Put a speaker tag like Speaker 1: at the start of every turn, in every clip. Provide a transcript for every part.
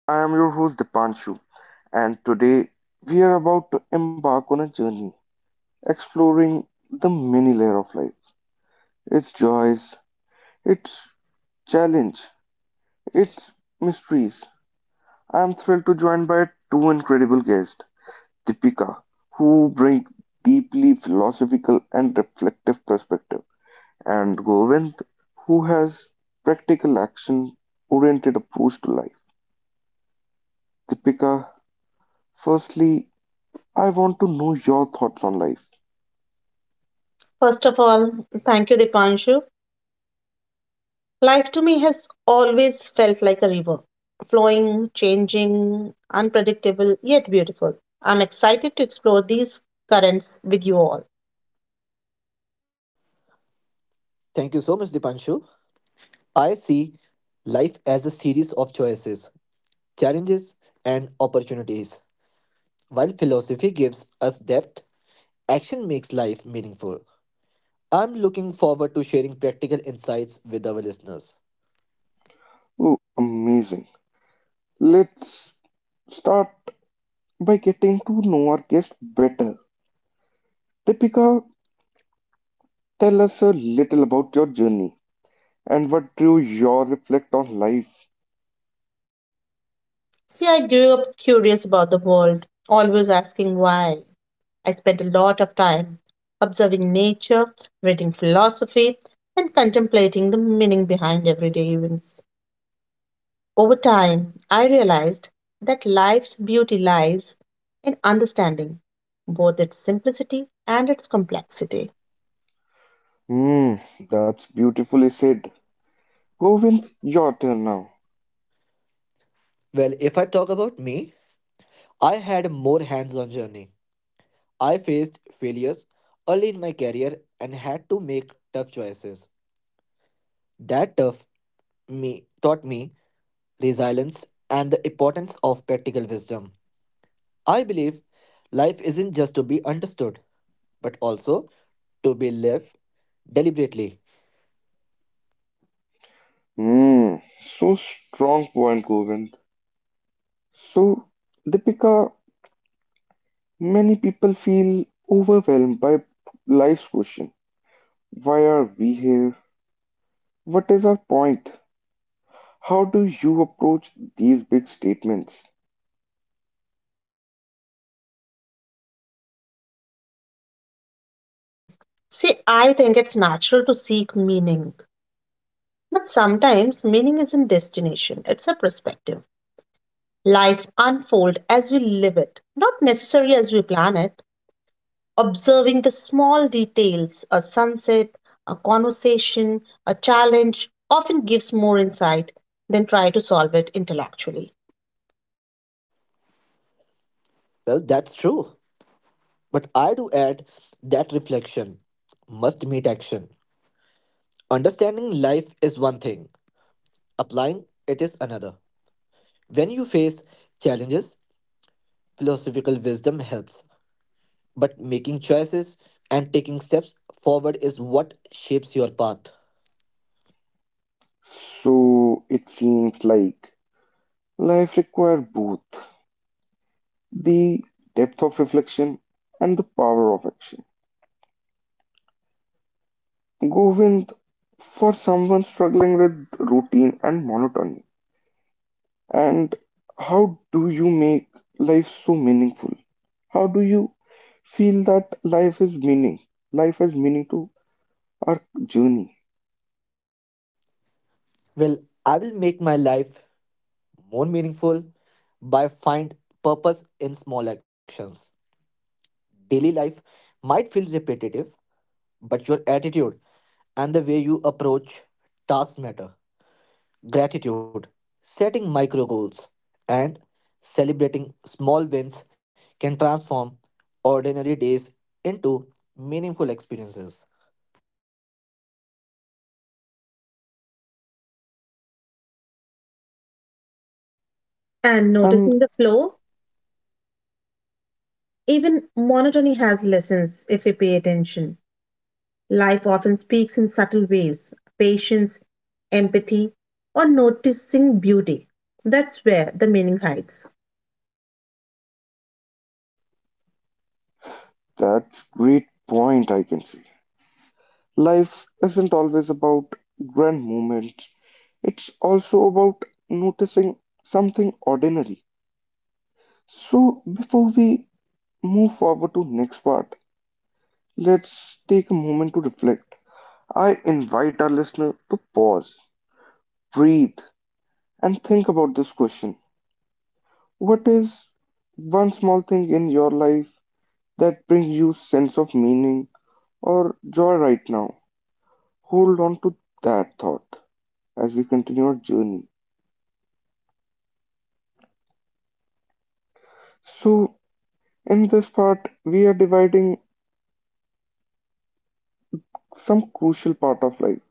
Speaker 1: I am your host Dipanshu, and today we are about to embark on a journey exploring the many layer of life, its joys, its challenge, its mysteries. I am thrilled to join by two incredible guests, Deepika, who bring deeply philosophical and reflective perspective, and Govind, who has practical action oriented approach to life. Deepika, firstly, I want to know your thoughts on life.
Speaker 2: First of all, thank you, Dipanshu. Life to me has always felt like a river, flowing, changing, unpredictable, yet beautiful. I'm excited to explore these currents with you all.
Speaker 3: Thank you so much, Dipanshu. I see life as a series of choices, challenges, and opportunities. While philosophy gives us depth, action makes life meaningful. I'm looking forward to sharing practical insights with our listeners.
Speaker 1: Oh, amazing. Let's start by getting to know our guest better. Deepika, tell us a little about your journey and what drew your reflect on life.
Speaker 2: See, I grew up curious about the world, always asking why. I spent a lot of time observing nature, reading philosophy, and contemplating the meaning behind everyday events. Over time, I realized that life's beauty lies in understanding both its simplicity and its complexity.
Speaker 1: Hmm, that's beautifully said. Govind, your turn now.
Speaker 3: Well, if I talk about me, I had a more hands on journey. I faced failures early in my career and had to make tough choices. That tough me taught me resilience and the importance of practical wisdom. I believe life isn't just to be understood, but also to be lived deliberately.
Speaker 1: Hmm, so strong point, Govind. So, Deepika, many people feel overwhelmed by life's question. Why are we here? What is our point? How do you approach these big statements?
Speaker 2: Hmm. See, I think it's natural to seek meaning, but sometimes meaning isn't destination, it's a perspective. Life unfolds as we live it, not necessarily as we plan it. Observing the small details, a sunset, a conversation, a challenge, often gives more insight than try to solve it intellectually.
Speaker 3: Well, that's true. But I do add that reflection must meet action. Understanding life is one thing, applying it is another. When you face challenges, philosophical wisdom helps, but making choices and taking steps forward is what shapes your path.
Speaker 1: So it seems like life requires both the depth of reflection and the power of action. Govind, for someone struggling with routine and monotony, and how do you make life so meaningful? How do you feel that life is meaning? Life has meaning to our journey.
Speaker 3: Well, I will make my life more meaningful by find purpose in small actions. Daily life might feel repetitive, but your attitude and the way you approach tasks matter. Gratitude, setting micro goals, and celebrating small wins can transform ordinary days into meaningful experiences.
Speaker 2: And noticing
Speaker 1: And
Speaker 2: the flow. Even monotony has lessons if we pay attention. Life often speaks in subtle ways patience, empathy, or noticing beauty. That's where the meaning hides.
Speaker 1: That's great point I can see. Life isn't always about grand moments. It's also about noticing something ordinary. So before we move forward to next part, let's take a moment to reflect. I invite our listener to pause, breathe, and think about this question. What is one small thing in your life that brings you sense of meaning or joy right now? Hold on to that thought as we continue our journey. So, in this part, we are dividing some crucial part of life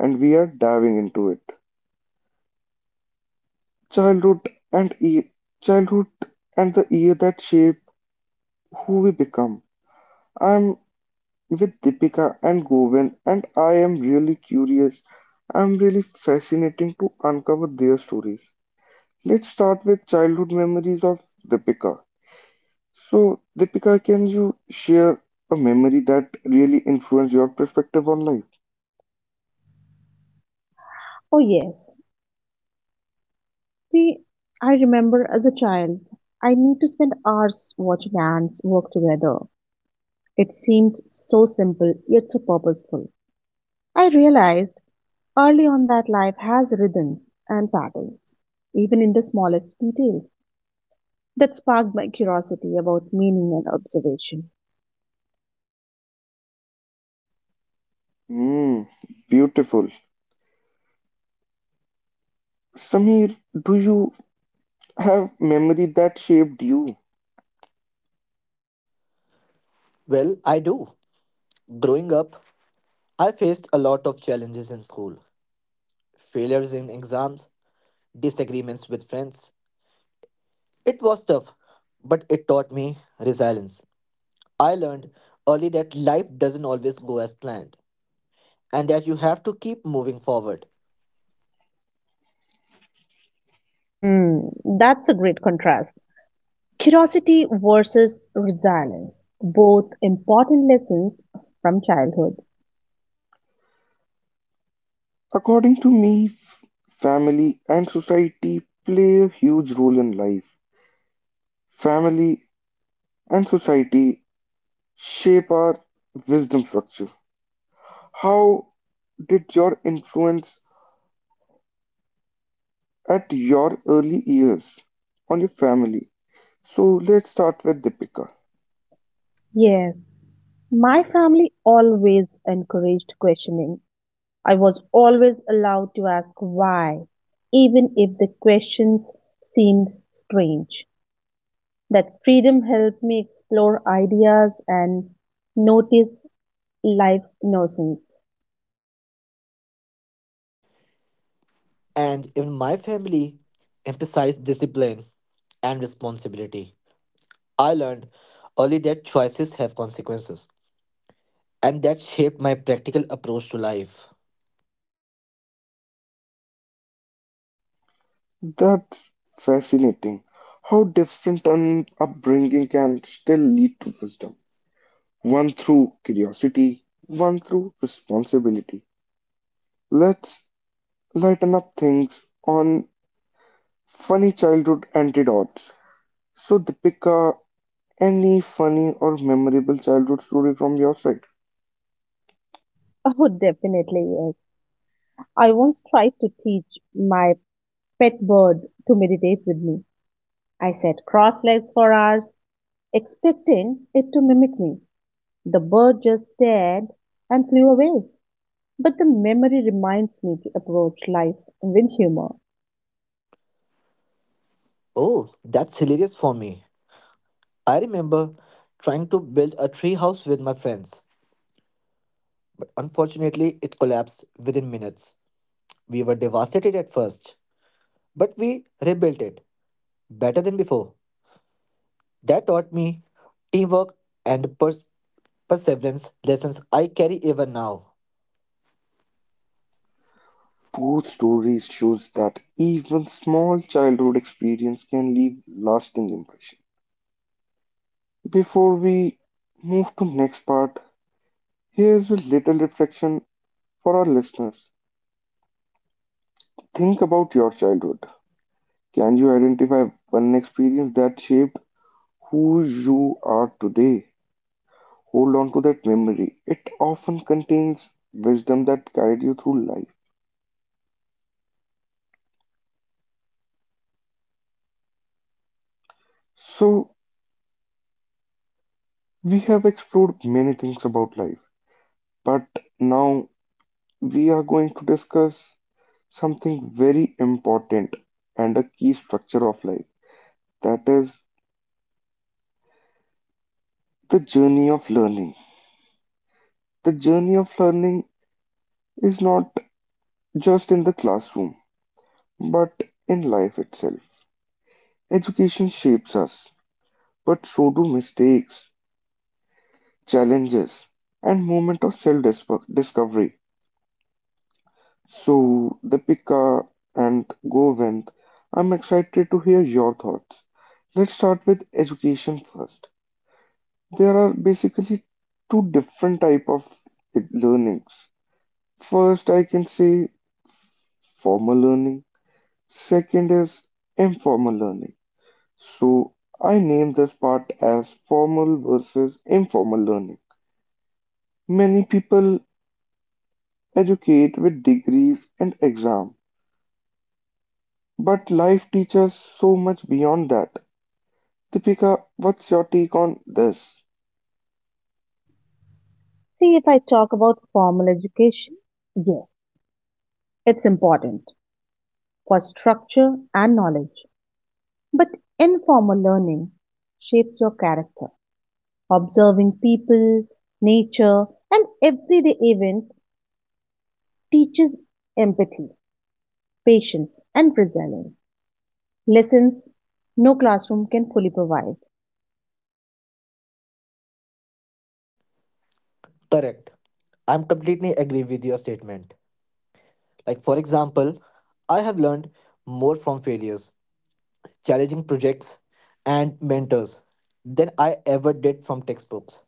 Speaker 1: and we are diving into it. Childhood and e- childhood and the year that shape who we become. I'm with Deepika and Govin and I am really curious. I'm really fascinating to uncover their stories. Let's start with childhood memories of Deepika. So, Deepika, can you share a memory that really influenced your perspective on life?
Speaker 2: Oh, yes. See, I remember as a child, I need to spend hours watching ants work together. It seemed so simple, yet so purposeful. I realized early on that life has rhythms and patterns, even in the smallest details. That sparked my curiosity about meaning and observation.
Speaker 1: Hmm, beautiful. Sameer, do you have memory that shaped you?
Speaker 3: Well, I do. Growing up, I faced a lot of challenges in school failures in exams, disagreements with friends. It was tough, but it taught me resilience. I learned early that life doesn't always go as planned and that you have to keep moving forward.
Speaker 2: Hmm, that's a great contrast. Curiosity versus resilience, both important lessons from childhood.
Speaker 1: According to me, family and society play a huge role in life. Family and society shape our wisdom structure. How did your influence at your early years on your family? So let's start with Deepika.
Speaker 2: Yes, my family always encouraged questioning. I was always allowed to ask why, even if the questions seemed strange. That freedom helped me explore ideas and notice life's innocence.
Speaker 3: And even my family emphasized discipline and responsibility. I learned early that choices have consequences and that shaped my practical approach to life.
Speaker 1: That's fascinating. How different an upbringing can still lead to wisdom. One through curiosity, one through responsibility. Let's lighten up things on funny childhood antidotes. So, Deepika, any funny or memorable childhood story from your side?
Speaker 2: Oh, definitely yes. I once tried to teach my pet bird to meditate with me. I sat cross legs for hours, expecting it to mimic me. The bird just stared and flew away. But the memory reminds me to approach life with humor.
Speaker 3: Oh, that's hilarious for me. I remember trying to build a tree house with my friends, but unfortunately it collapsed within minutes. We were devastated at first, but we rebuilt it better than before. That taught me teamwork and perseverance lessons I carry even now.
Speaker 1: Both stories shows that even small childhood experience can leave lasting impression. Before we move to next part, here's a little reflection for our listeners. Think about your childhood. Can you identify one experience that shaped who you are today? Hold on to that memory. It often contains wisdom that guides you through life. So, we have explored many things about life, but now we are going to discuss something very important and a key structure of life. That is the journey of learning. The journey of learning is not just in the classroom, but in life itself. Education shapes us, but so do mistakes, challenges, and moment of self-discovery. So, Deepika and Govind, I'm excited to hear your thoughts. Let's start with education first. There are basically two different type of learnings. First, I can say formal learning. Second is informal learning. So I name this part as formal versus informal learning. Many people educate with degrees and exam, but life teaches so much beyond that. Deepika, what's your take on this?
Speaker 2: See if I talk about formal education. Yes, it's important for structure and knowledge. But informal learning shapes your character. Observing people, nature, and everyday events teaches empathy, patience, and resilience. Lessons no classroom can fully provide.
Speaker 3: Correct. I'm completely agree with your statement. Like for example, I have learned more from failures, challenging projects and mentors than I ever did from textbooks.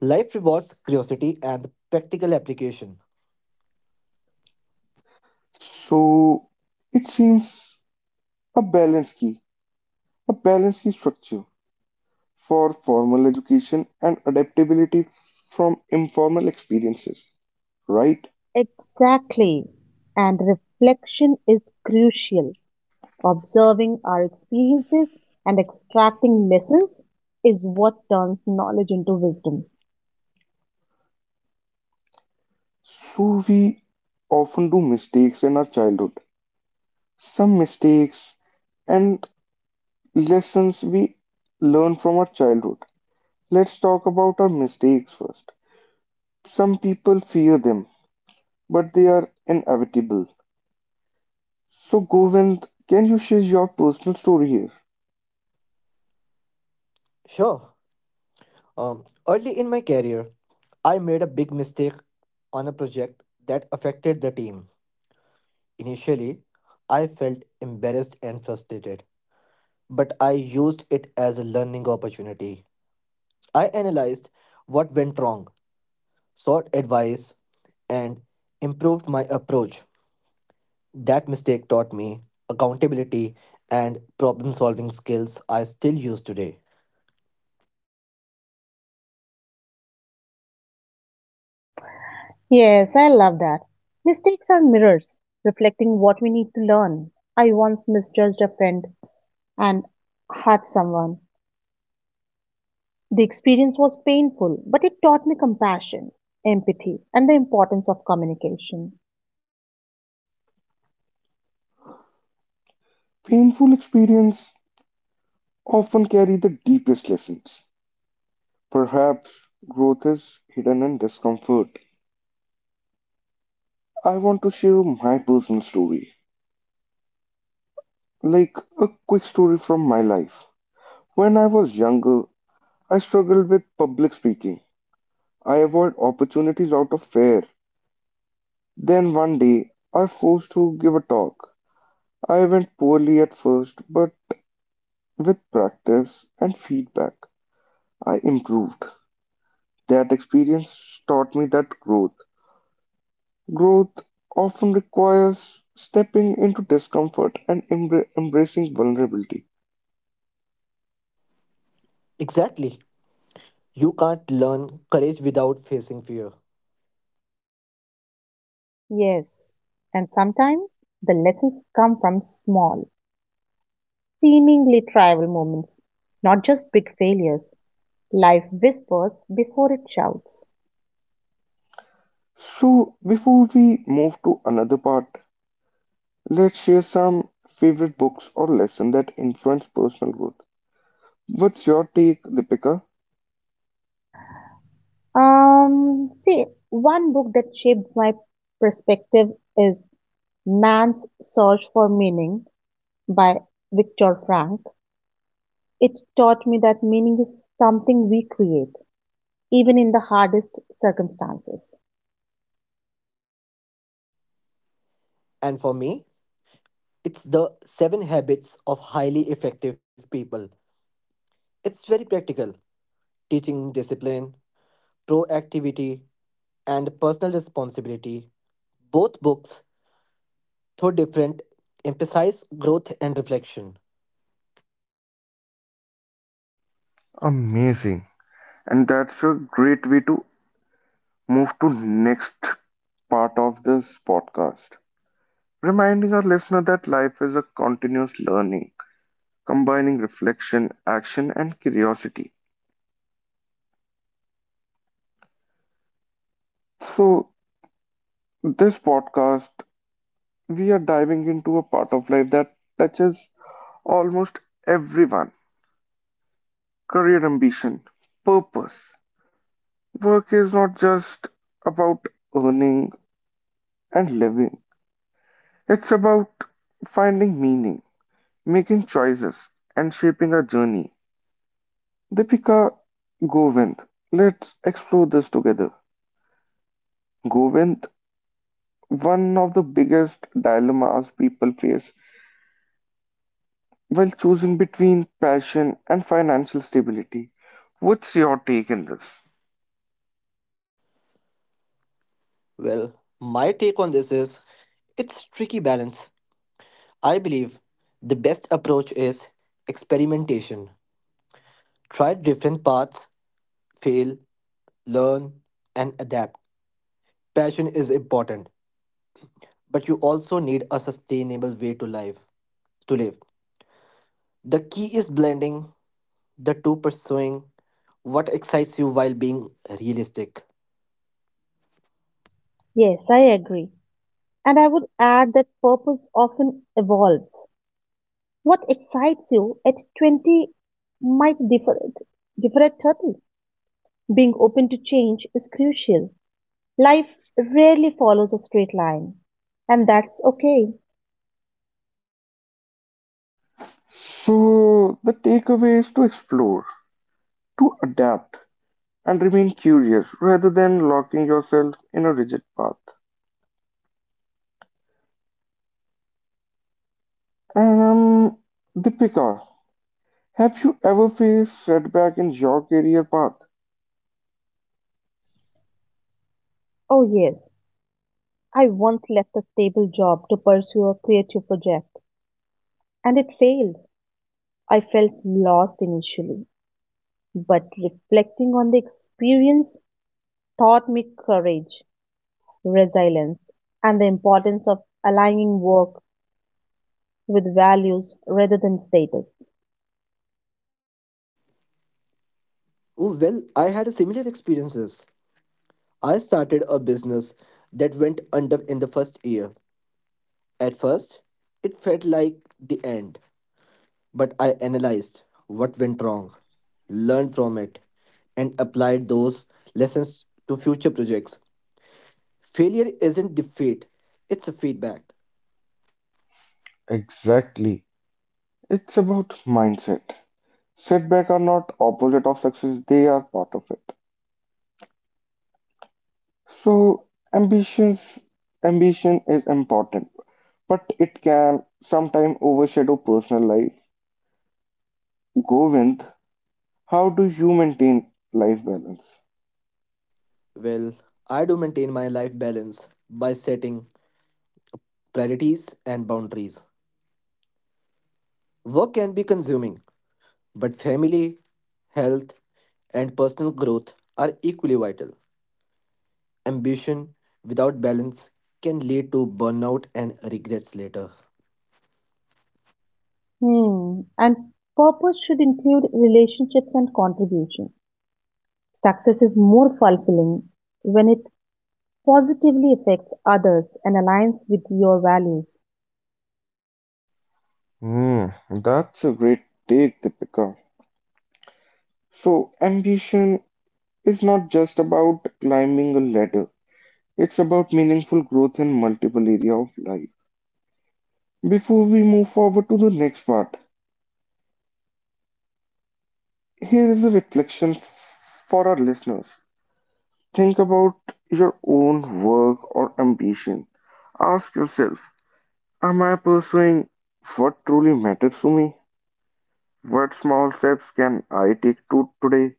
Speaker 3: Life rewards curiosity and practical application.
Speaker 1: So it seems a balance key, a balance key structure for formal education and adaptability from informal experiences, right?
Speaker 2: Exactly. And reflection is crucial. Observing our experiences and extracting lessons is what turns knowledge into wisdom.
Speaker 1: So we often do mistakes in our childhood. Some mistakes and lessons we learn from our childhood. Let's talk about our mistakes first. Some people fear them, but they are inevitable. So, Govind, can you share your personal story here?
Speaker 3: Sure. Early in my career, I made a big mistake on a project that affected the team. Initially, I felt embarrassed and frustrated, but I used it as a learning opportunity. I analyzed what went wrong, sought advice, and improved my approach. That mistake taught me accountability and problem solving skills I still use today.
Speaker 2: Yes, I love that. Mistakes are mirrors reflecting what we need to learn. I once misjudged a friend and hurt someone. The experience was painful, but it taught me compassion, empathy, and the importance of communication.
Speaker 1: Painful experience often carry the deepest lessons. Perhaps growth is hidden in discomfort. I want to share my personal story, like a quick story from my life. When I was younger, I struggled with public speaking. I avoid opportunities out of fear. Then one day, I forced to give a talk. I went poorly at first, but with practice and feedback, I improved. That experience taught me that growth. Growth often requires stepping into discomfort and embracing vulnerability.
Speaker 3: Exactly. You can't learn courage without facing fear.
Speaker 2: Yes, and sometimes the lessons come from small, seemingly trivial moments, not just big failures. Life whispers before it shouts.
Speaker 1: So, before we move to another part, let's share some favorite books or lessons that influence personal growth. What's your take, Deepika?
Speaker 2: See, one book that shaped my perspective is Man's Search for Meaning by Viktor Frank. It taught me that meaning is something we create, even in the hardest circumstances.
Speaker 3: And for me, it's the seven habits of highly effective people. It's very practical, teaching discipline, proactivity, and personal responsibility. Both books, though different, emphasize growth and reflection.
Speaker 1: Amazing. And that's a great way to move to next part of this podcast. Reminding our listener that life is a continuous learning, combining reflection, action and curiosity. So, this podcast, we are diving into a part of life that touches almost everyone, career ambition, purpose. Work is not just about earning and living. It's about finding meaning, making choices, and shaping our journey. Deepika, Govind, let's explore this together. Govind, one of the biggest dilemmas people face while choosing between passion and financial stability. What's your take in this?
Speaker 3: Well, my take on this is it's tricky balance. I believe the best approach is experimentation. Try different paths, fail, learn, and adapt. Passion is important, but you also need a sustainable way to live. The key is blending the two, pursuing what excites you while being realistic.
Speaker 2: Yes, I agree. And I would add that purpose often evolves. What excites you at 20 might differ at 30. Being open to change is crucial. Life rarely follows a straight line, and that's okay.
Speaker 1: So, the takeaway is to explore, to adapt, and remain curious rather than locking yourself in a rigid path. And Deepika, have you ever faced setback in your career path?
Speaker 2: Oh, yes, I once left a stable job to pursue a creative project, and it failed. I felt lost initially, but reflecting on the experience taught me courage, resilience, and the importance of aligning work with values rather than status.
Speaker 3: Oh, well, I had a similar experiences. I started a business that went under in the first year. At first, it felt like the end, but I analyzed what went wrong, learned from it, and applied those lessons to future projects. Failure isn't defeat, it's a feedback.
Speaker 1: Exactly. It's about mindset. Setbacks are not opposite of success, they are part of it. So ambitions ambition is important, but it can sometimes overshadow personal life. Govind, how do you maintain life balance?
Speaker 3: Well, I do maintain my life balance by setting priorities, and boundaries. Work can be consuming, but family, health, and personal growth are equally vital. Ambition without balance can lead to burnout and regrets later.
Speaker 2: Hmm. And purpose should include relationships and contribution. Success is more fulfilling when it positively affects others and aligns with your values.
Speaker 1: Hmm, that's a great take, Deepika. So ambition is not just about climbing a ladder. It's about meaningful growth in multiple area of life. Before we move forward to the next part, here is a reflection for our listeners. Think about your own work or ambition. Ask yourself, am I pursuing what truly matters to me? What small steps can I take to today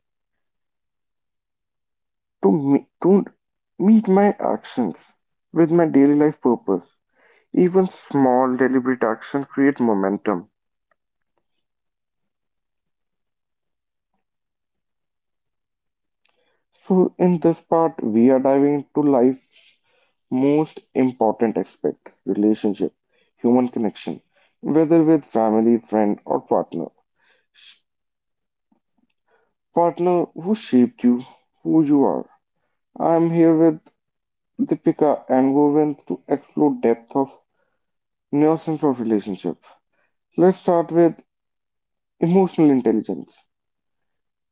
Speaker 1: to meet my actions with my daily life purpose? Even small deliberate action create momentum. So, in this part, we are diving into life's most important aspect relationship, human connection, whether with family, friend, or partner. Partner who shaped you, who you are. I'm here with Deepika and Govind to explore depth of nuisance of relationship. Let's start with emotional intelligence,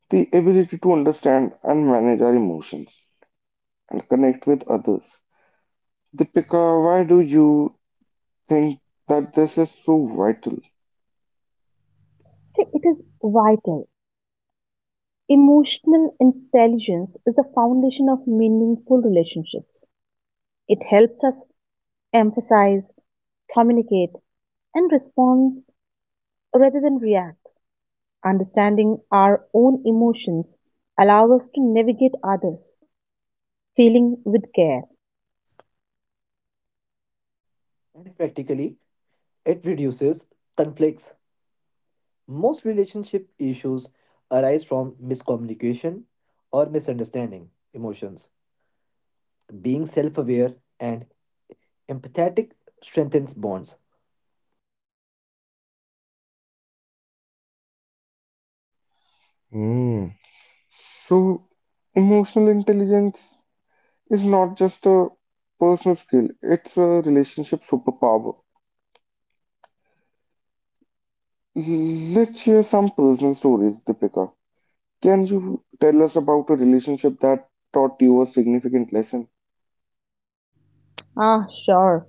Speaker 1: the ability to understand and manage our emotions and connect with others. Deepika, why do you think that this is so vital.
Speaker 2: See, it is vital. Emotional intelligence is the foundation of meaningful relationships. It helps us emphasize communicate, and respond rather than react. Understanding our own emotions allow us to navigate others' feeling with care.
Speaker 3: And practically, it reduces conflicts. Most relationship issues arise from miscommunication or misunderstanding emotions. Being self aware and empathetic strengthens bonds.
Speaker 1: Mm, So, emotional intelligence is not just a personal skill, it's a relationship superpower. Let's share some personal stories, Deepika. Can you tell us about a relationship that taught you a significant lesson?
Speaker 2: Ah, sure.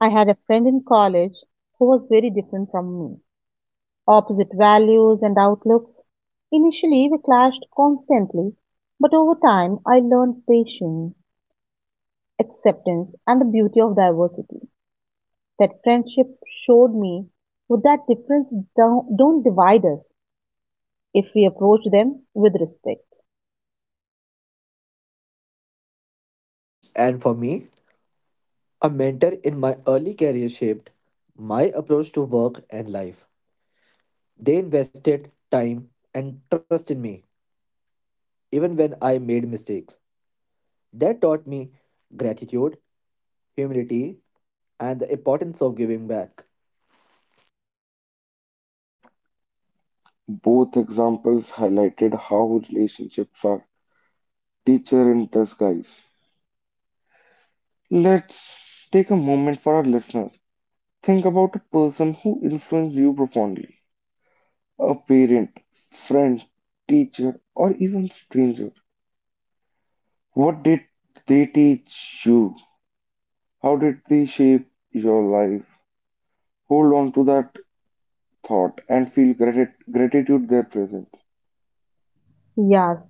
Speaker 2: I had a friend in college who was very different from me. Opposite values and outlooks. Initially, we clashed constantly, but over time, I learned patience, acceptance, and the beauty of diversity. That friendship showed me that difference don't divide us, if we approach them with respect.
Speaker 3: And for me, a mentor in my early career shaped my approach to work and life. They invested time and trust in me, even when I made mistakes. That taught me gratitude, humility, and the importance of giving back.
Speaker 1: Both examples highlighted how relationships are teacher in disguise. Let's take a moment for our listener. Think about a person who influenced you profoundly. A parent, friend, teacher, or even stranger. What did they teach you? How did they shape your life? Hold on to that thought and feel gratitude their presence.
Speaker 2: Yes,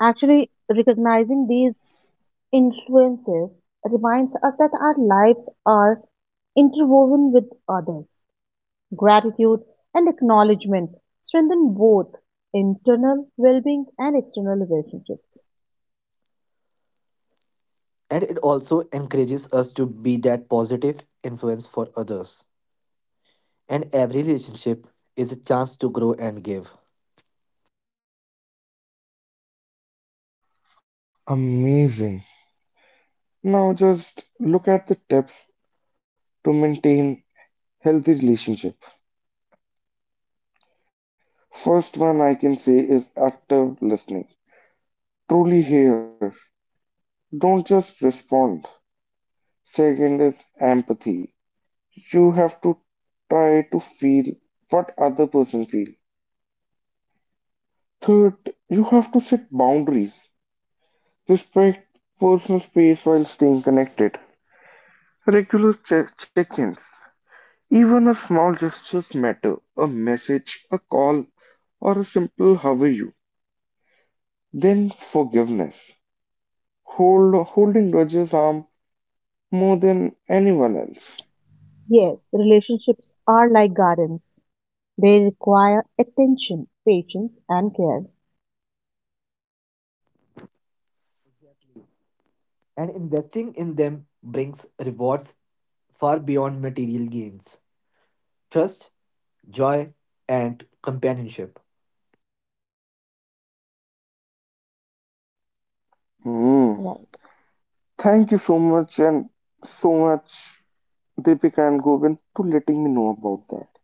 Speaker 2: actually, recognizing these influences reminds us that our lives are interwoven with others. Gratitude and acknowledgement strengthen both internal well being and external relationships.
Speaker 3: And it also encourages us to be that positive influence for others. And every relationship is a chance to grow and give.
Speaker 1: Amazing. Now just look at the tips to maintain healthy relationship. First one I can say is active listening. Truly hear. Don't just respond. Second is empathy. You have to try to feel what other person feel. Third, you have to set boundaries. Respect personal space while staying connected. Regular check-ins. Even a small gestures matter. A message, a call, or a simple how are you. Then forgiveness. Holding grudges harm more than anyone else.
Speaker 2: Yes, relationships are like gardens, they require attention, patience, and care.
Speaker 3: And investing in them brings rewards far beyond material gains. Trust, joy, and companionship.
Speaker 1: Hmm.
Speaker 2: Right.
Speaker 1: Thank you so much and so much Deepika and Govind to letting me know about that.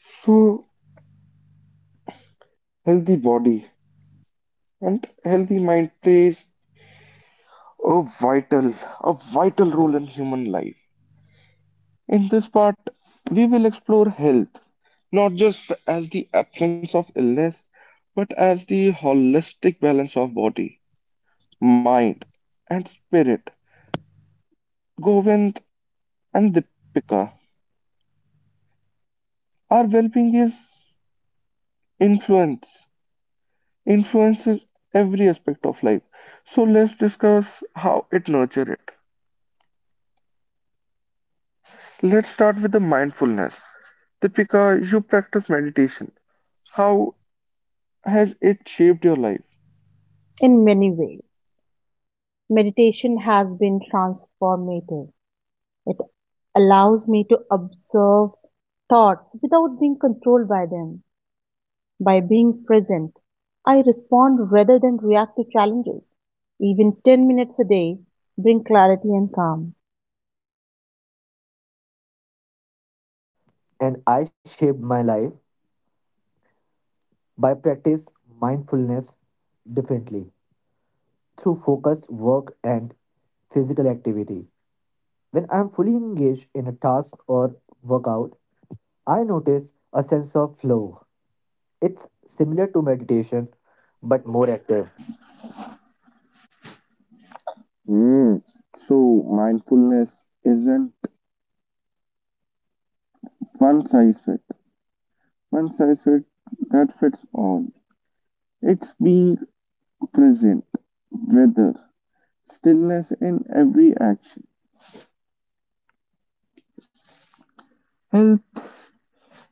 Speaker 1: So healthy body and healthy mind plays a vital, a vital role in human life. In this part, we will explore health, not just as the absence of illness, but as the holistic balance of body, mind, and spirit. Govind and Deepika, our well-being is influence influences every aspect of life. So let's discuss how it nurtures it. Let's start with the mindfulness. Deepika, you practice meditation. How has it shaped your life?
Speaker 2: In many ways, meditation has been transformative. It allows me to observe thoughts without being controlled by them. By being present, I respond rather than react to challenges. Even 10 minutes a day bring clarity and calm.
Speaker 3: And I shaped my life by practice mindfulness differently through focused work and physical activity. When I am fully engaged in a task or workout, I notice a sense of flow. It's similar to meditation but more active.
Speaker 1: Hmm. So mindfulness isn't one size fit. one size fit that fits all. It's being present, whether stillness in every action. Health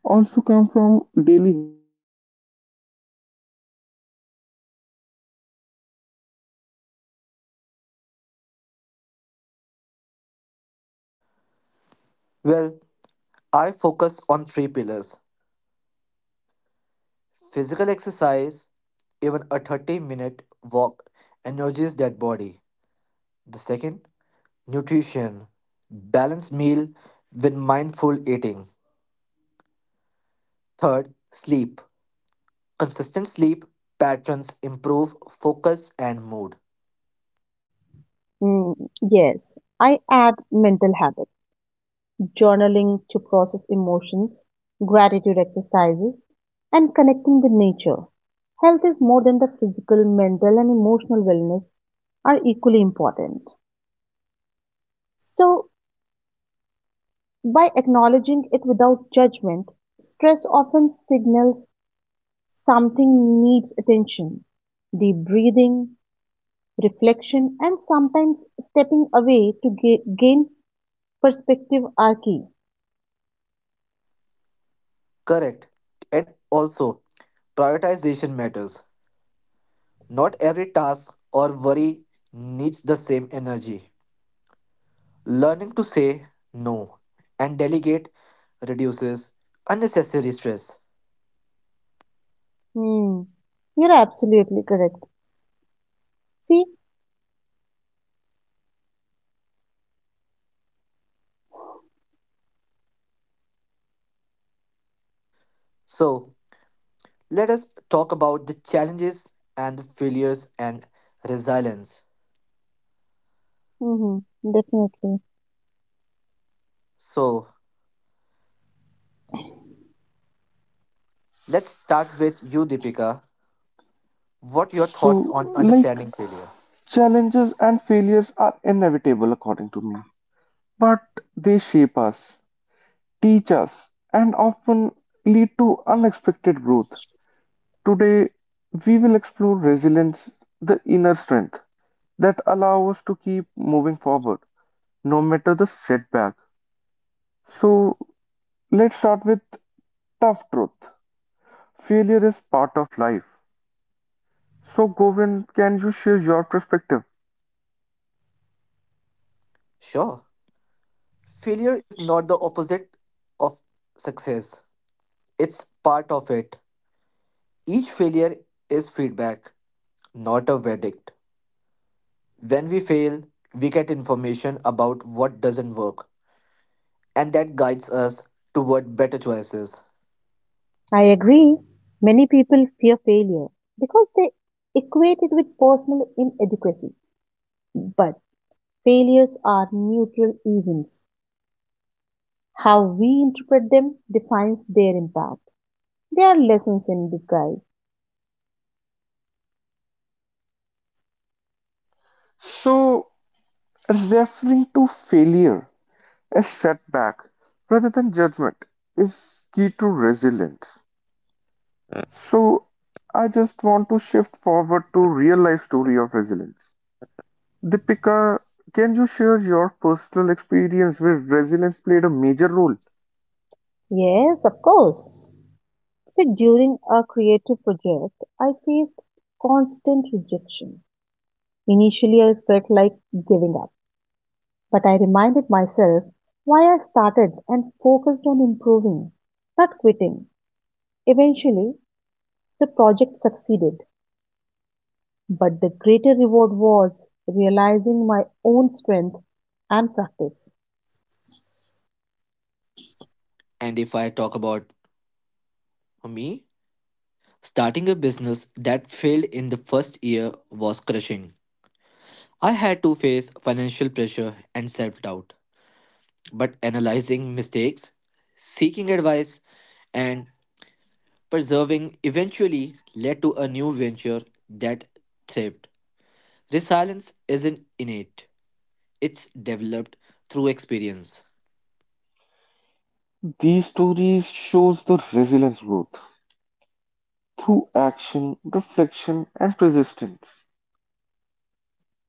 Speaker 1: also comes from
Speaker 3: Well, I focus on three pillars physical exercise, even a 30-minute walk energizes that body. The second, nutrition balanced meal with mindful eating. Third, sleep. Consistent sleep patterns improve focus and mood.
Speaker 2: Mm, yes, I add mental habits, journaling to process emotions, gratitude exercises, and connecting with nature. Health is more than the physical, mental, and emotional wellness are equally important. So, by acknowledging it without judgment, stress often signals something needs attention. Deep breathing, reflection, and sometimes stepping away to gain perspective are key.
Speaker 3: Correct. And also, prioritization matters. Not every task or worry needs the same energy. Learning to say no and delegate reduces unnecessary stress.
Speaker 2: Hmm. You're absolutely correct. See?
Speaker 3: So, let us talk about the challenges and the failures and resilience.
Speaker 2: Hmm. Definitely.
Speaker 3: So, let's start with you, Deepika. What your thoughts
Speaker 4: So,
Speaker 3: on
Speaker 4: like,
Speaker 3: understanding failure?
Speaker 4: challenges and failures are inevitable, according to me, but they shape us, teach us, and often lead to unexpected growth. Today, we will explore resilience, the inner strength that allow us to keep moving forward, no matter the setback. So, let's start with tough truth. Failure is part of life. So, Govind, can you share your perspective?
Speaker 3: Sure. Failure is not the opposite of success. It's part of it. Each failure is feedback, not a verdict. When we fail, we get information about what doesn't work, and that guides us toward better choices.
Speaker 2: I agree. Many people fear failure because they equate it with personal inadequacy. But failures are neutral events. How we interpret them defines their impact. They are lessons in disguise.
Speaker 4: So, Referring to failure as setback rather than judgment is key to resilience. So I just want to shift forward to real life story of resilience. Deepika, can you share your personal experience where resilience played a major role?
Speaker 2: Yes, of course. See, during a creative project, I faced constant rejection. Initially, I felt like giving up, but I reminded myself why I started and focused on improving, not quitting. Eventually, the project succeeded, but the greater reward was realizing my own strength and practice.
Speaker 3: And if I talk about me, starting a business that failed in the first year was crushing. I had to face financial pressure and self doubt, but analyzing mistakes, seeking advice, and persevering eventually led to a new venture that thrived. Resilience isn't innate, it's developed through experience.
Speaker 4: These stories shows the resilience growth through action, reflection and resistance.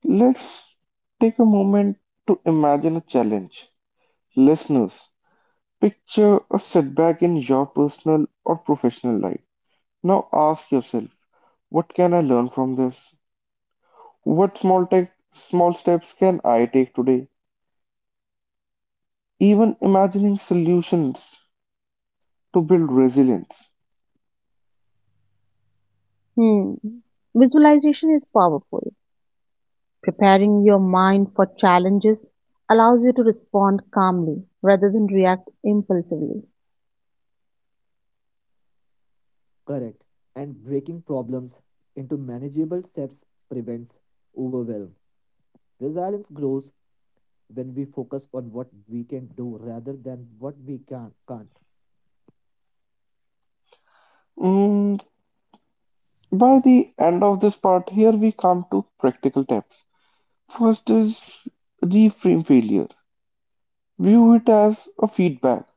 Speaker 4: Let's take a moment to imagine a challenge. Listeners, picture a setback in your personal or professional life. Now ask yourself, what can I learn from this? Small steps can I take today? Even imagining solutions to build resilience.
Speaker 2: Hmm. Visualization is powerful. Preparing your mind for challenges allows you to respond calmly rather than react impulsively.
Speaker 3: Correct. And breaking problems into manageable steps prevents overwhelm. Resilience grows when we focus on what we can do rather than what we can't.
Speaker 4: Mm, by the end of this part, here we come to practical tips. First is reframe failure. View it as a feedback.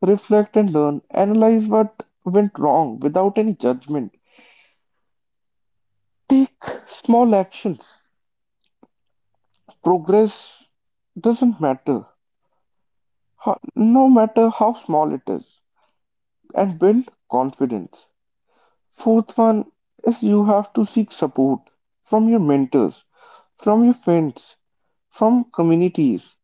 Speaker 4: Reflect and learn. Analyze what went wrong without any judgment. Take small actions. Progress doesn't matter, no matter how small it is, and build confidence. Fourth one is you have to seek support from your mentors, from your friends, from communities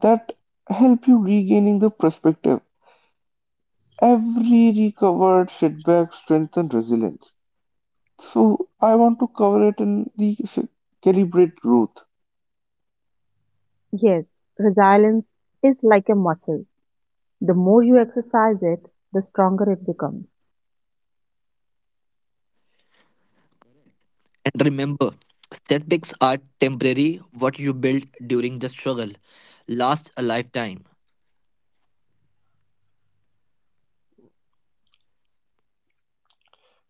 Speaker 4: that help you regaining the perspective. Every recovered setback strengthens resilience. So I want to cover it in the s- Calibrate growth.
Speaker 2: Yes, resilience is like a muscle. The more you exercise it, the stronger it becomes.
Speaker 3: And remember, setbacks are temporary, what you build during the struggle lasts a lifetime.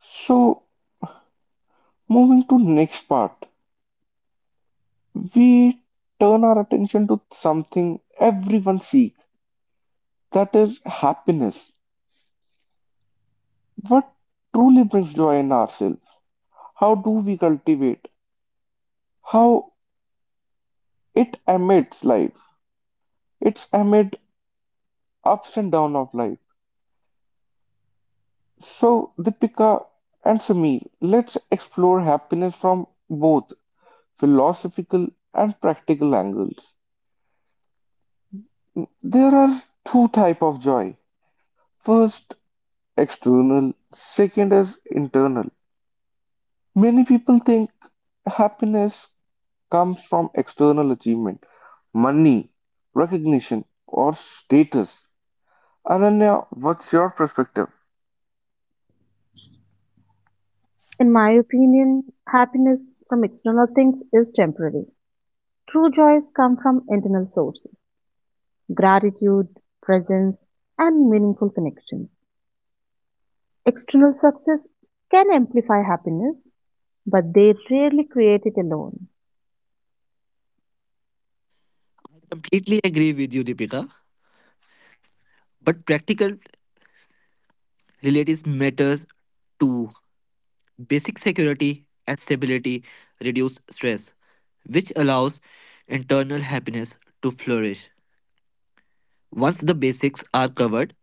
Speaker 4: So moving to next part, we turn our attention to something everyone seeks, that is happiness. What truly brings joy in ourselves? How do we cultivate? How it amidst life? It's amid ups and downs of life. So, Deepika and Sameer, let's explore happiness from both philosophical and practical angles. There are two type of joy. First, external. Second is internal. Many people think happiness comes from external achievement, money, recognition, or status. Ananya, what's your perspective?
Speaker 2: In my opinion, happiness from external things is temporary. True joys come from internal sources gratitude, presence, and meaningful connections. External success can amplify happiness, but they rarely create it alone.
Speaker 3: I completely agree with you, Deepika, but practical relatives matters to basic security and stability reduce stress, which allows internal happiness to flourish. Once the basics are covered,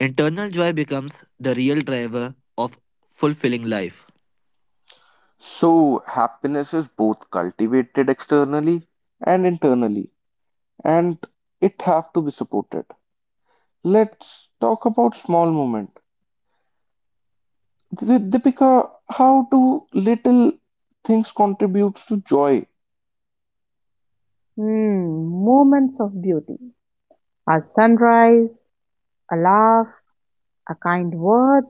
Speaker 3: internal joy becomes the real driver of fulfilling life.
Speaker 4: So, happiness is both cultivated externally. And internally, and it have to be supported. Let's talk about small moment. Deepika, how do little things contributes to joy?
Speaker 2: Hmm, moments of beauty. A sunrise, a laugh, a kind word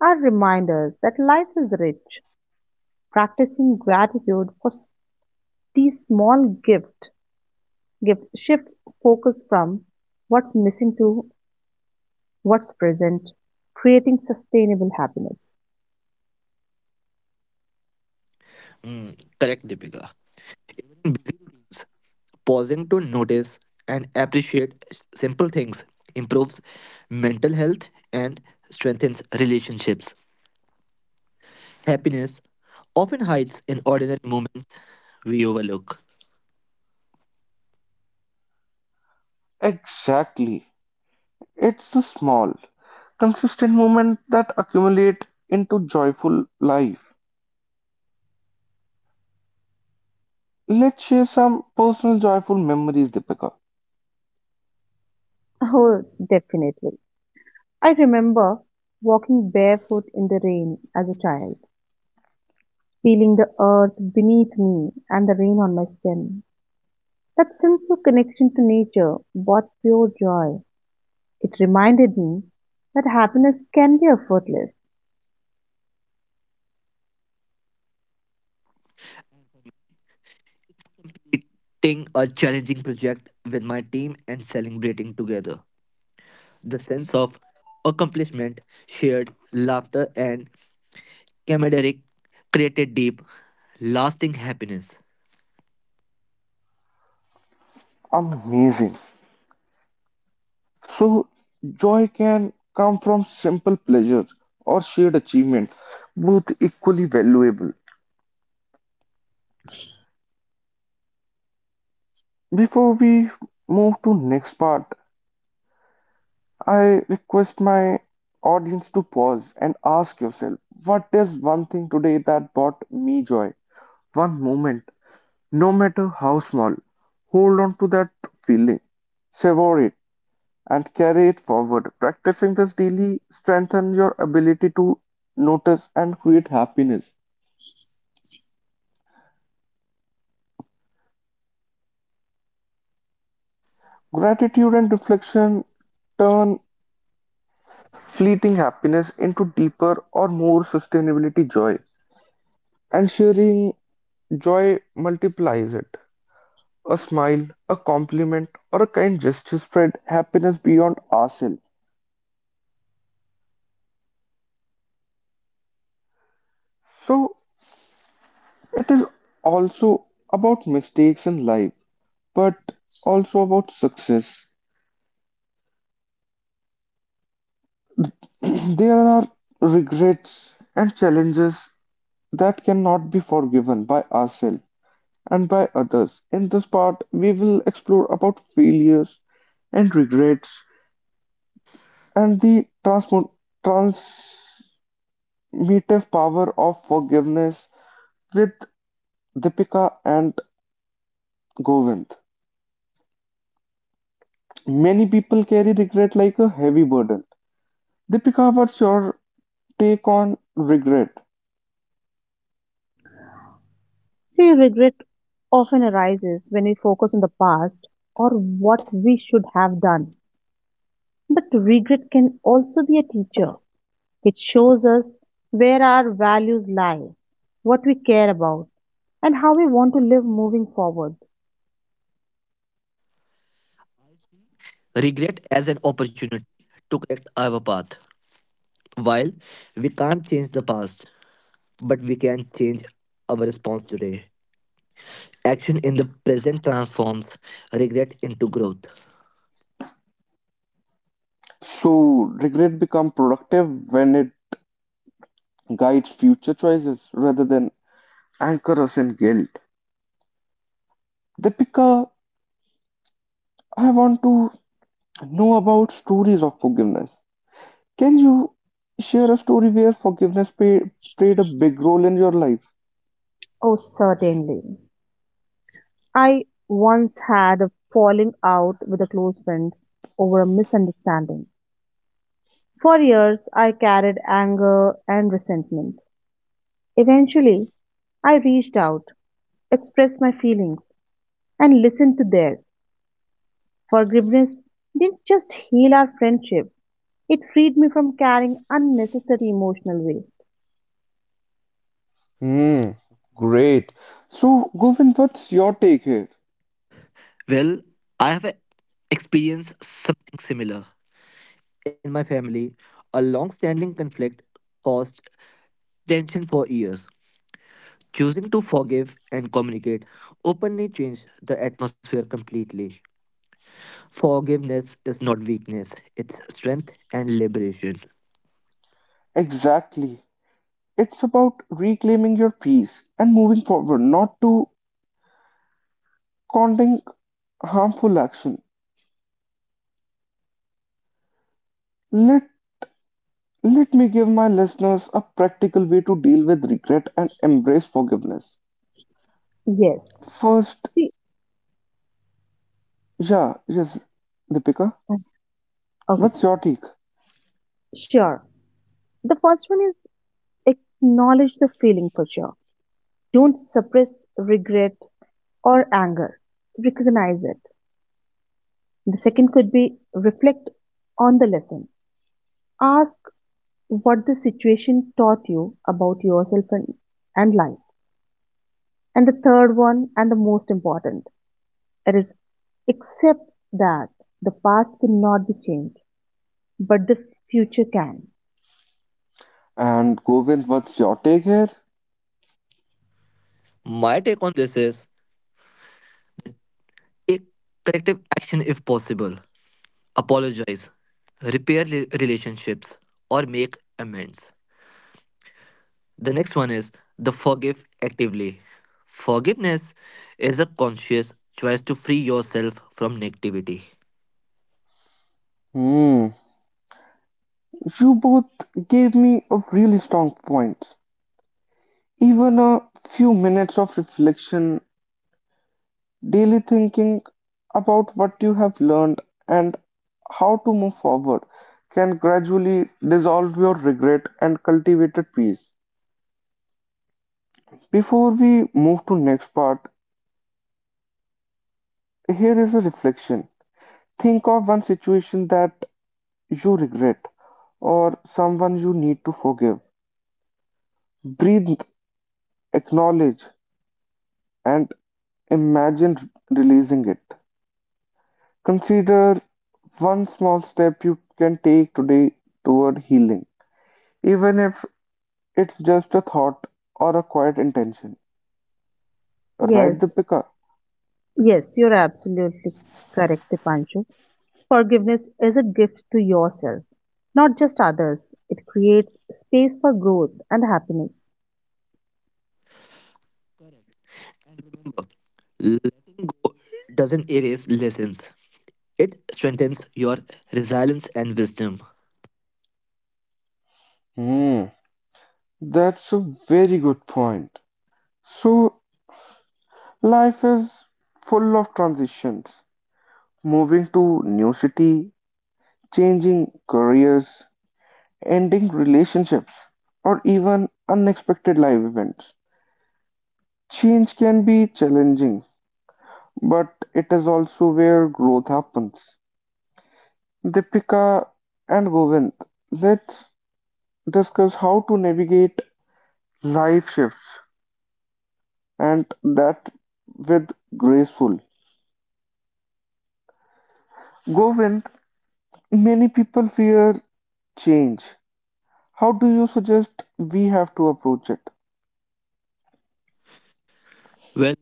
Speaker 2: are reminders that life is rich. Practicing gratitude for these small gift shifts focus from what's missing to what's present, creating sustainable happiness.
Speaker 3: Mm, correct, Deepika. Busy routines. Pausing to notice and appreciate simple things improves mental health and strengthens relationships. Happiness often hides in ordinary moments we overlook.
Speaker 4: Exactly. It's the small, consistent moments that accumulate into joyful life. Let's share some personal joyful memories, Deepika.
Speaker 2: Oh, definitely. I remember walking barefoot in the rain as a child feeling the earth beneath me and the rain on my skin. That sense of connection to nature brought pure joy. It reminded me that happiness can be effortless.
Speaker 3: Completing a challenging project with my team and celebrating together. The sense of accomplishment, shared laughter, and camaraderie created deep, lasting happiness.
Speaker 4: Amazing. So, joy can come from simple pleasures or shared achievement, both equally valuable. Before we move to next part, I request my audience to pause and ask yourself, what is one thing today that brought me joy? One moment, no matter how small, hold on to that feeling, savor it, and carry it forward. Practicing this daily strengthens your ability to notice and create happiness. Gratitude and reflection turn fleeting happiness into deeper or more sustainability joy, and sharing joy multiplies it. A smile, a compliment, or a kind gesture spread happiness beyond ourselves. So, it is also about mistakes in life, but also about success. There are regrets and challenges that cannot be forgiven by ourselves and by others. In this part, we will explore about failures and regrets and the transformative power of forgiveness with Deepika and Govind. Many people carry regret like a heavy burden. Deepika, what's your take on regret.
Speaker 2: See, regret often arises when we focus on the past or what we should have done. But regret can also be a teacher. It shows us where our values lie, what we care about, and how we want to live moving forward.
Speaker 3: Regret as an opportunity to correct our path. While we can't change the past, but we can change our response today. Action in the present transforms regret into growth.
Speaker 4: So regret become productive when it guides future choices rather than anchor us in guilt. Deepika, I want to know about stories of forgiveness. Can you share a story where forgiveness played a big role in your life?
Speaker 2: Oh, certainly. I once had a falling out with a close friend over a misunderstanding. For years, I carried anger and resentment. Eventually, I reached out, expressed my feelings, and listened to theirs. Forgiveness didn't just heal our friendship, it freed me from carrying unnecessary emotional weight.
Speaker 4: Hmm, great. So, Govind, what's your take here?
Speaker 3: Well, I have experienced something similar. In my family, a long standing conflict caused tension for years. Choosing to forgive and communicate openly changed the atmosphere completely. Forgiveness is not weakness, it's strength and liberation.
Speaker 4: Exactly. It's about reclaiming your peace and moving forward, not to condemn harmful action. Let, let me give my listeners a practical way to deal with regret and embrace forgiveness.
Speaker 2: Yes.
Speaker 4: First,
Speaker 2: See,
Speaker 4: yeah, yes, Deepika,
Speaker 2: uh, okay,
Speaker 4: what's your take?
Speaker 2: sure. The first one is acknowledge the feeling for sure. Don't suppress regret or anger. Recognize it. The second could be reflect on the lesson. Ask what the situation taught you about yourself and life. And the third one, and the most important, it is accept that the past cannot be changed, but the future can.
Speaker 4: And Govind, what's your take here?
Speaker 3: My take on this is take corrective action if possible. Apologize, repair relationships, or make amends. The next one is the forgive actively. Forgiveness is a conscious choice to free yourself from negativity.
Speaker 4: Hmm, you both gave me a really strong points. Even a few minutes of reflection, daily thinking about what you have learned and how to move forward can gradually dissolve your regret and cultivate a peace. Before we move to next part, here is a reflection. Think of one situation that you regret or someone you need to forgive. Breathe, acknowledge, and imagine releasing it. Consider one small step you can take today toward healing, even if it's just a thought or a quiet intention. Right,
Speaker 2: Yes,
Speaker 4: Deepika?
Speaker 2: yes, you're absolutely correct, Dipanshu. Forgiveness is a gift to yourself, not just others. It creates space for growth and happiness.
Speaker 3: Remember, letting go doesn't erase lessons, it strengthens your resilience and wisdom.
Speaker 4: Hmm. That's a very good point. So, life is full of transitions, moving to new city, changing careers, ending relationships, or even unexpected life events. Change can be challenging, but it is also where growth happens. Deepika and Govind, let's discuss how to navigate life shifts and that with graceful. Govind, many people fear change. How do you suggest we have to approach it?
Speaker 3: Well,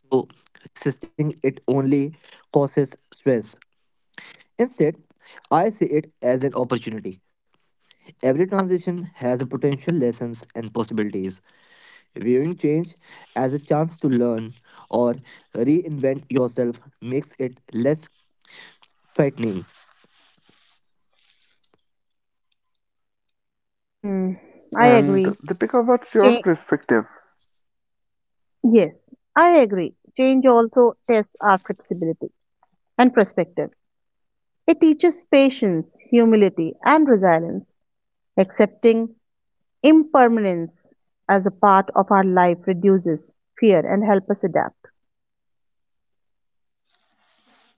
Speaker 3: so resisting it only causes stress. Instead, I see it as an opportunity. Every transition has a potential lessons and possibilities, viewing change as a chance to learn or reinvent yourself makes it less frightening.
Speaker 2: Hmm, I
Speaker 4: And
Speaker 2: agree.
Speaker 4: Deepika, what's your
Speaker 2: Change,
Speaker 4: perspective?
Speaker 2: yes, I agree. Change also tests our flexibility and perspective. It teaches patience, humility, and resilience. Accepting impermanence as a part of our life reduces fear and help us adapt.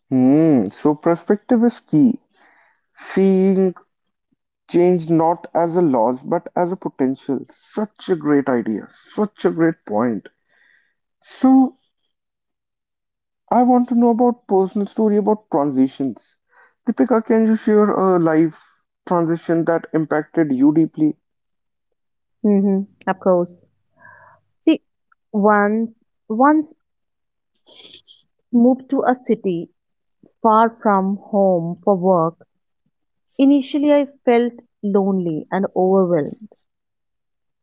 Speaker 4: Hmm, so perspective is key. Seeing change not as a loss but as a potential. Such a great idea. Such a great point. So I want to know about personal story about transitions. Deepika, can you share a life transition that impacted you deeply?
Speaker 2: Mm-hmm. Of course. See, one once moved to a city far from home for work. Initially, I felt lonely and overwhelmed.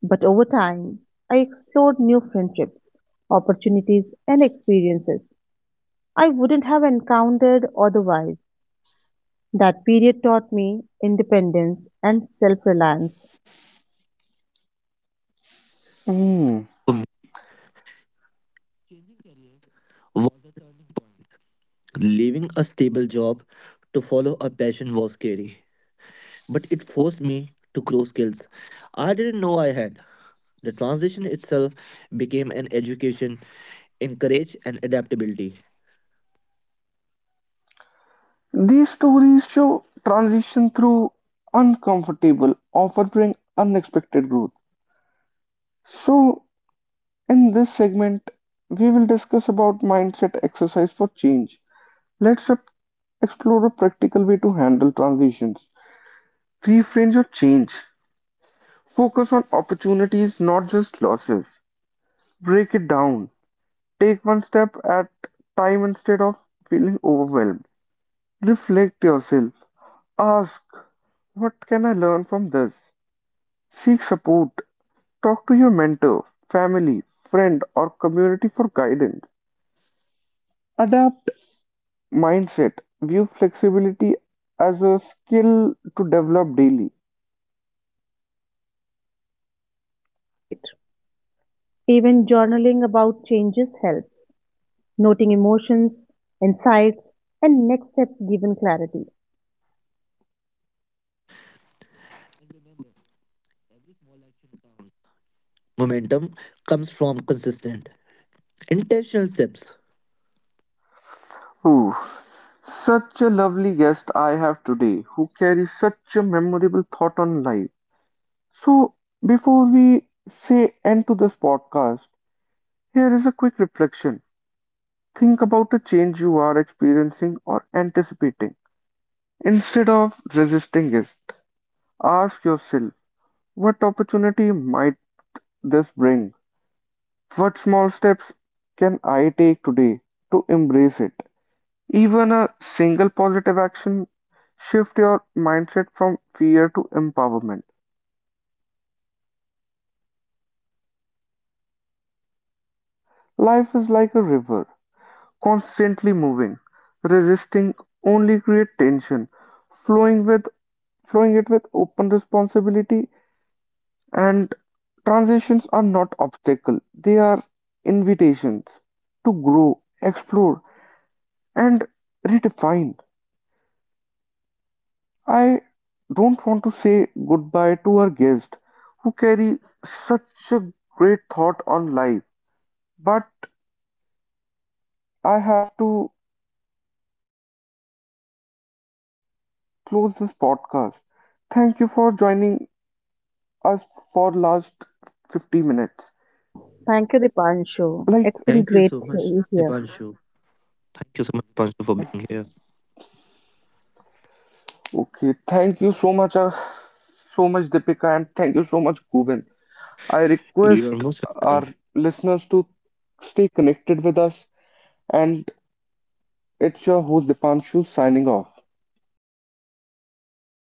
Speaker 2: But over time, I explored new friendships, opportunities, and experiences I wouldn't have encountered otherwise. That period taught me independence and self reliance.
Speaker 4: Hmm.
Speaker 3: For me, changing careers was a turning point. Leaving a stable job to follow a passion was scary, but it forced me to grow skills I didn't know I had. The transition itself became an education in courage and adaptability.
Speaker 4: These stories show transition through uncomfortable, often bring unexpected growth. So, in this segment, we will discuss about mindset exercise for change. Let's explore a practical way to handle transitions. Reframe your change. Focus on opportunities, not just losses. Break it down. Take one step at time instead of feeling overwhelmed. Reflect yourself. Ask, what can I learn from this? Seek support, talk to your mentor, family, friend, or community for guidance. Adapt mindset, view flexibility as a skill to develop daily.
Speaker 2: Right. Even journaling about changes helps, noting emotions, insights, and next steps given clarity.
Speaker 3: Momentum comes from consistent, intentional steps.
Speaker 4: Ooh, such a lovely guest I have today who carries such a memorable thought on life. So, before we say end to this podcast, here is a quick reflection. Think about a change you are experiencing or anticipating instead of resisting it. Ask yourself, what opportunity might this bring? What small steps can I take today to embrace it? Even a single positive action shift your mindset from fear to empowerment. Life is like a river, constantly moving. Resisting only creates tension. Flowing with Flowing it with open responsibility. And transitions are not obstacles, they are invitations to grow, explore, and redefine. I don't want to say goodbye to our guests who carry such a great thought on life, but I have to close this podcast. Thank you for joining us for last 50 minutes. Like,
Speaker 2: Thank you, Dipanshu. It's
Speaker 3: Thank
Speaker 2: been
Speaker 3: you so
Speaker 2: great to
Speaker 3: much,
Speaker 2: be here.
Speaker 3: Dipanshu. Thank you so much, Dipanshu, for being here.
Speaker 4: okay, thank you so much, Deepika, and thank you so much, Govind. I request
Speaker 3: You are most
Speaker 4: our
Speaker 3: welcome.
Speaker 4: listeners to stay connected with us, and it's your host Dipanshu signing off.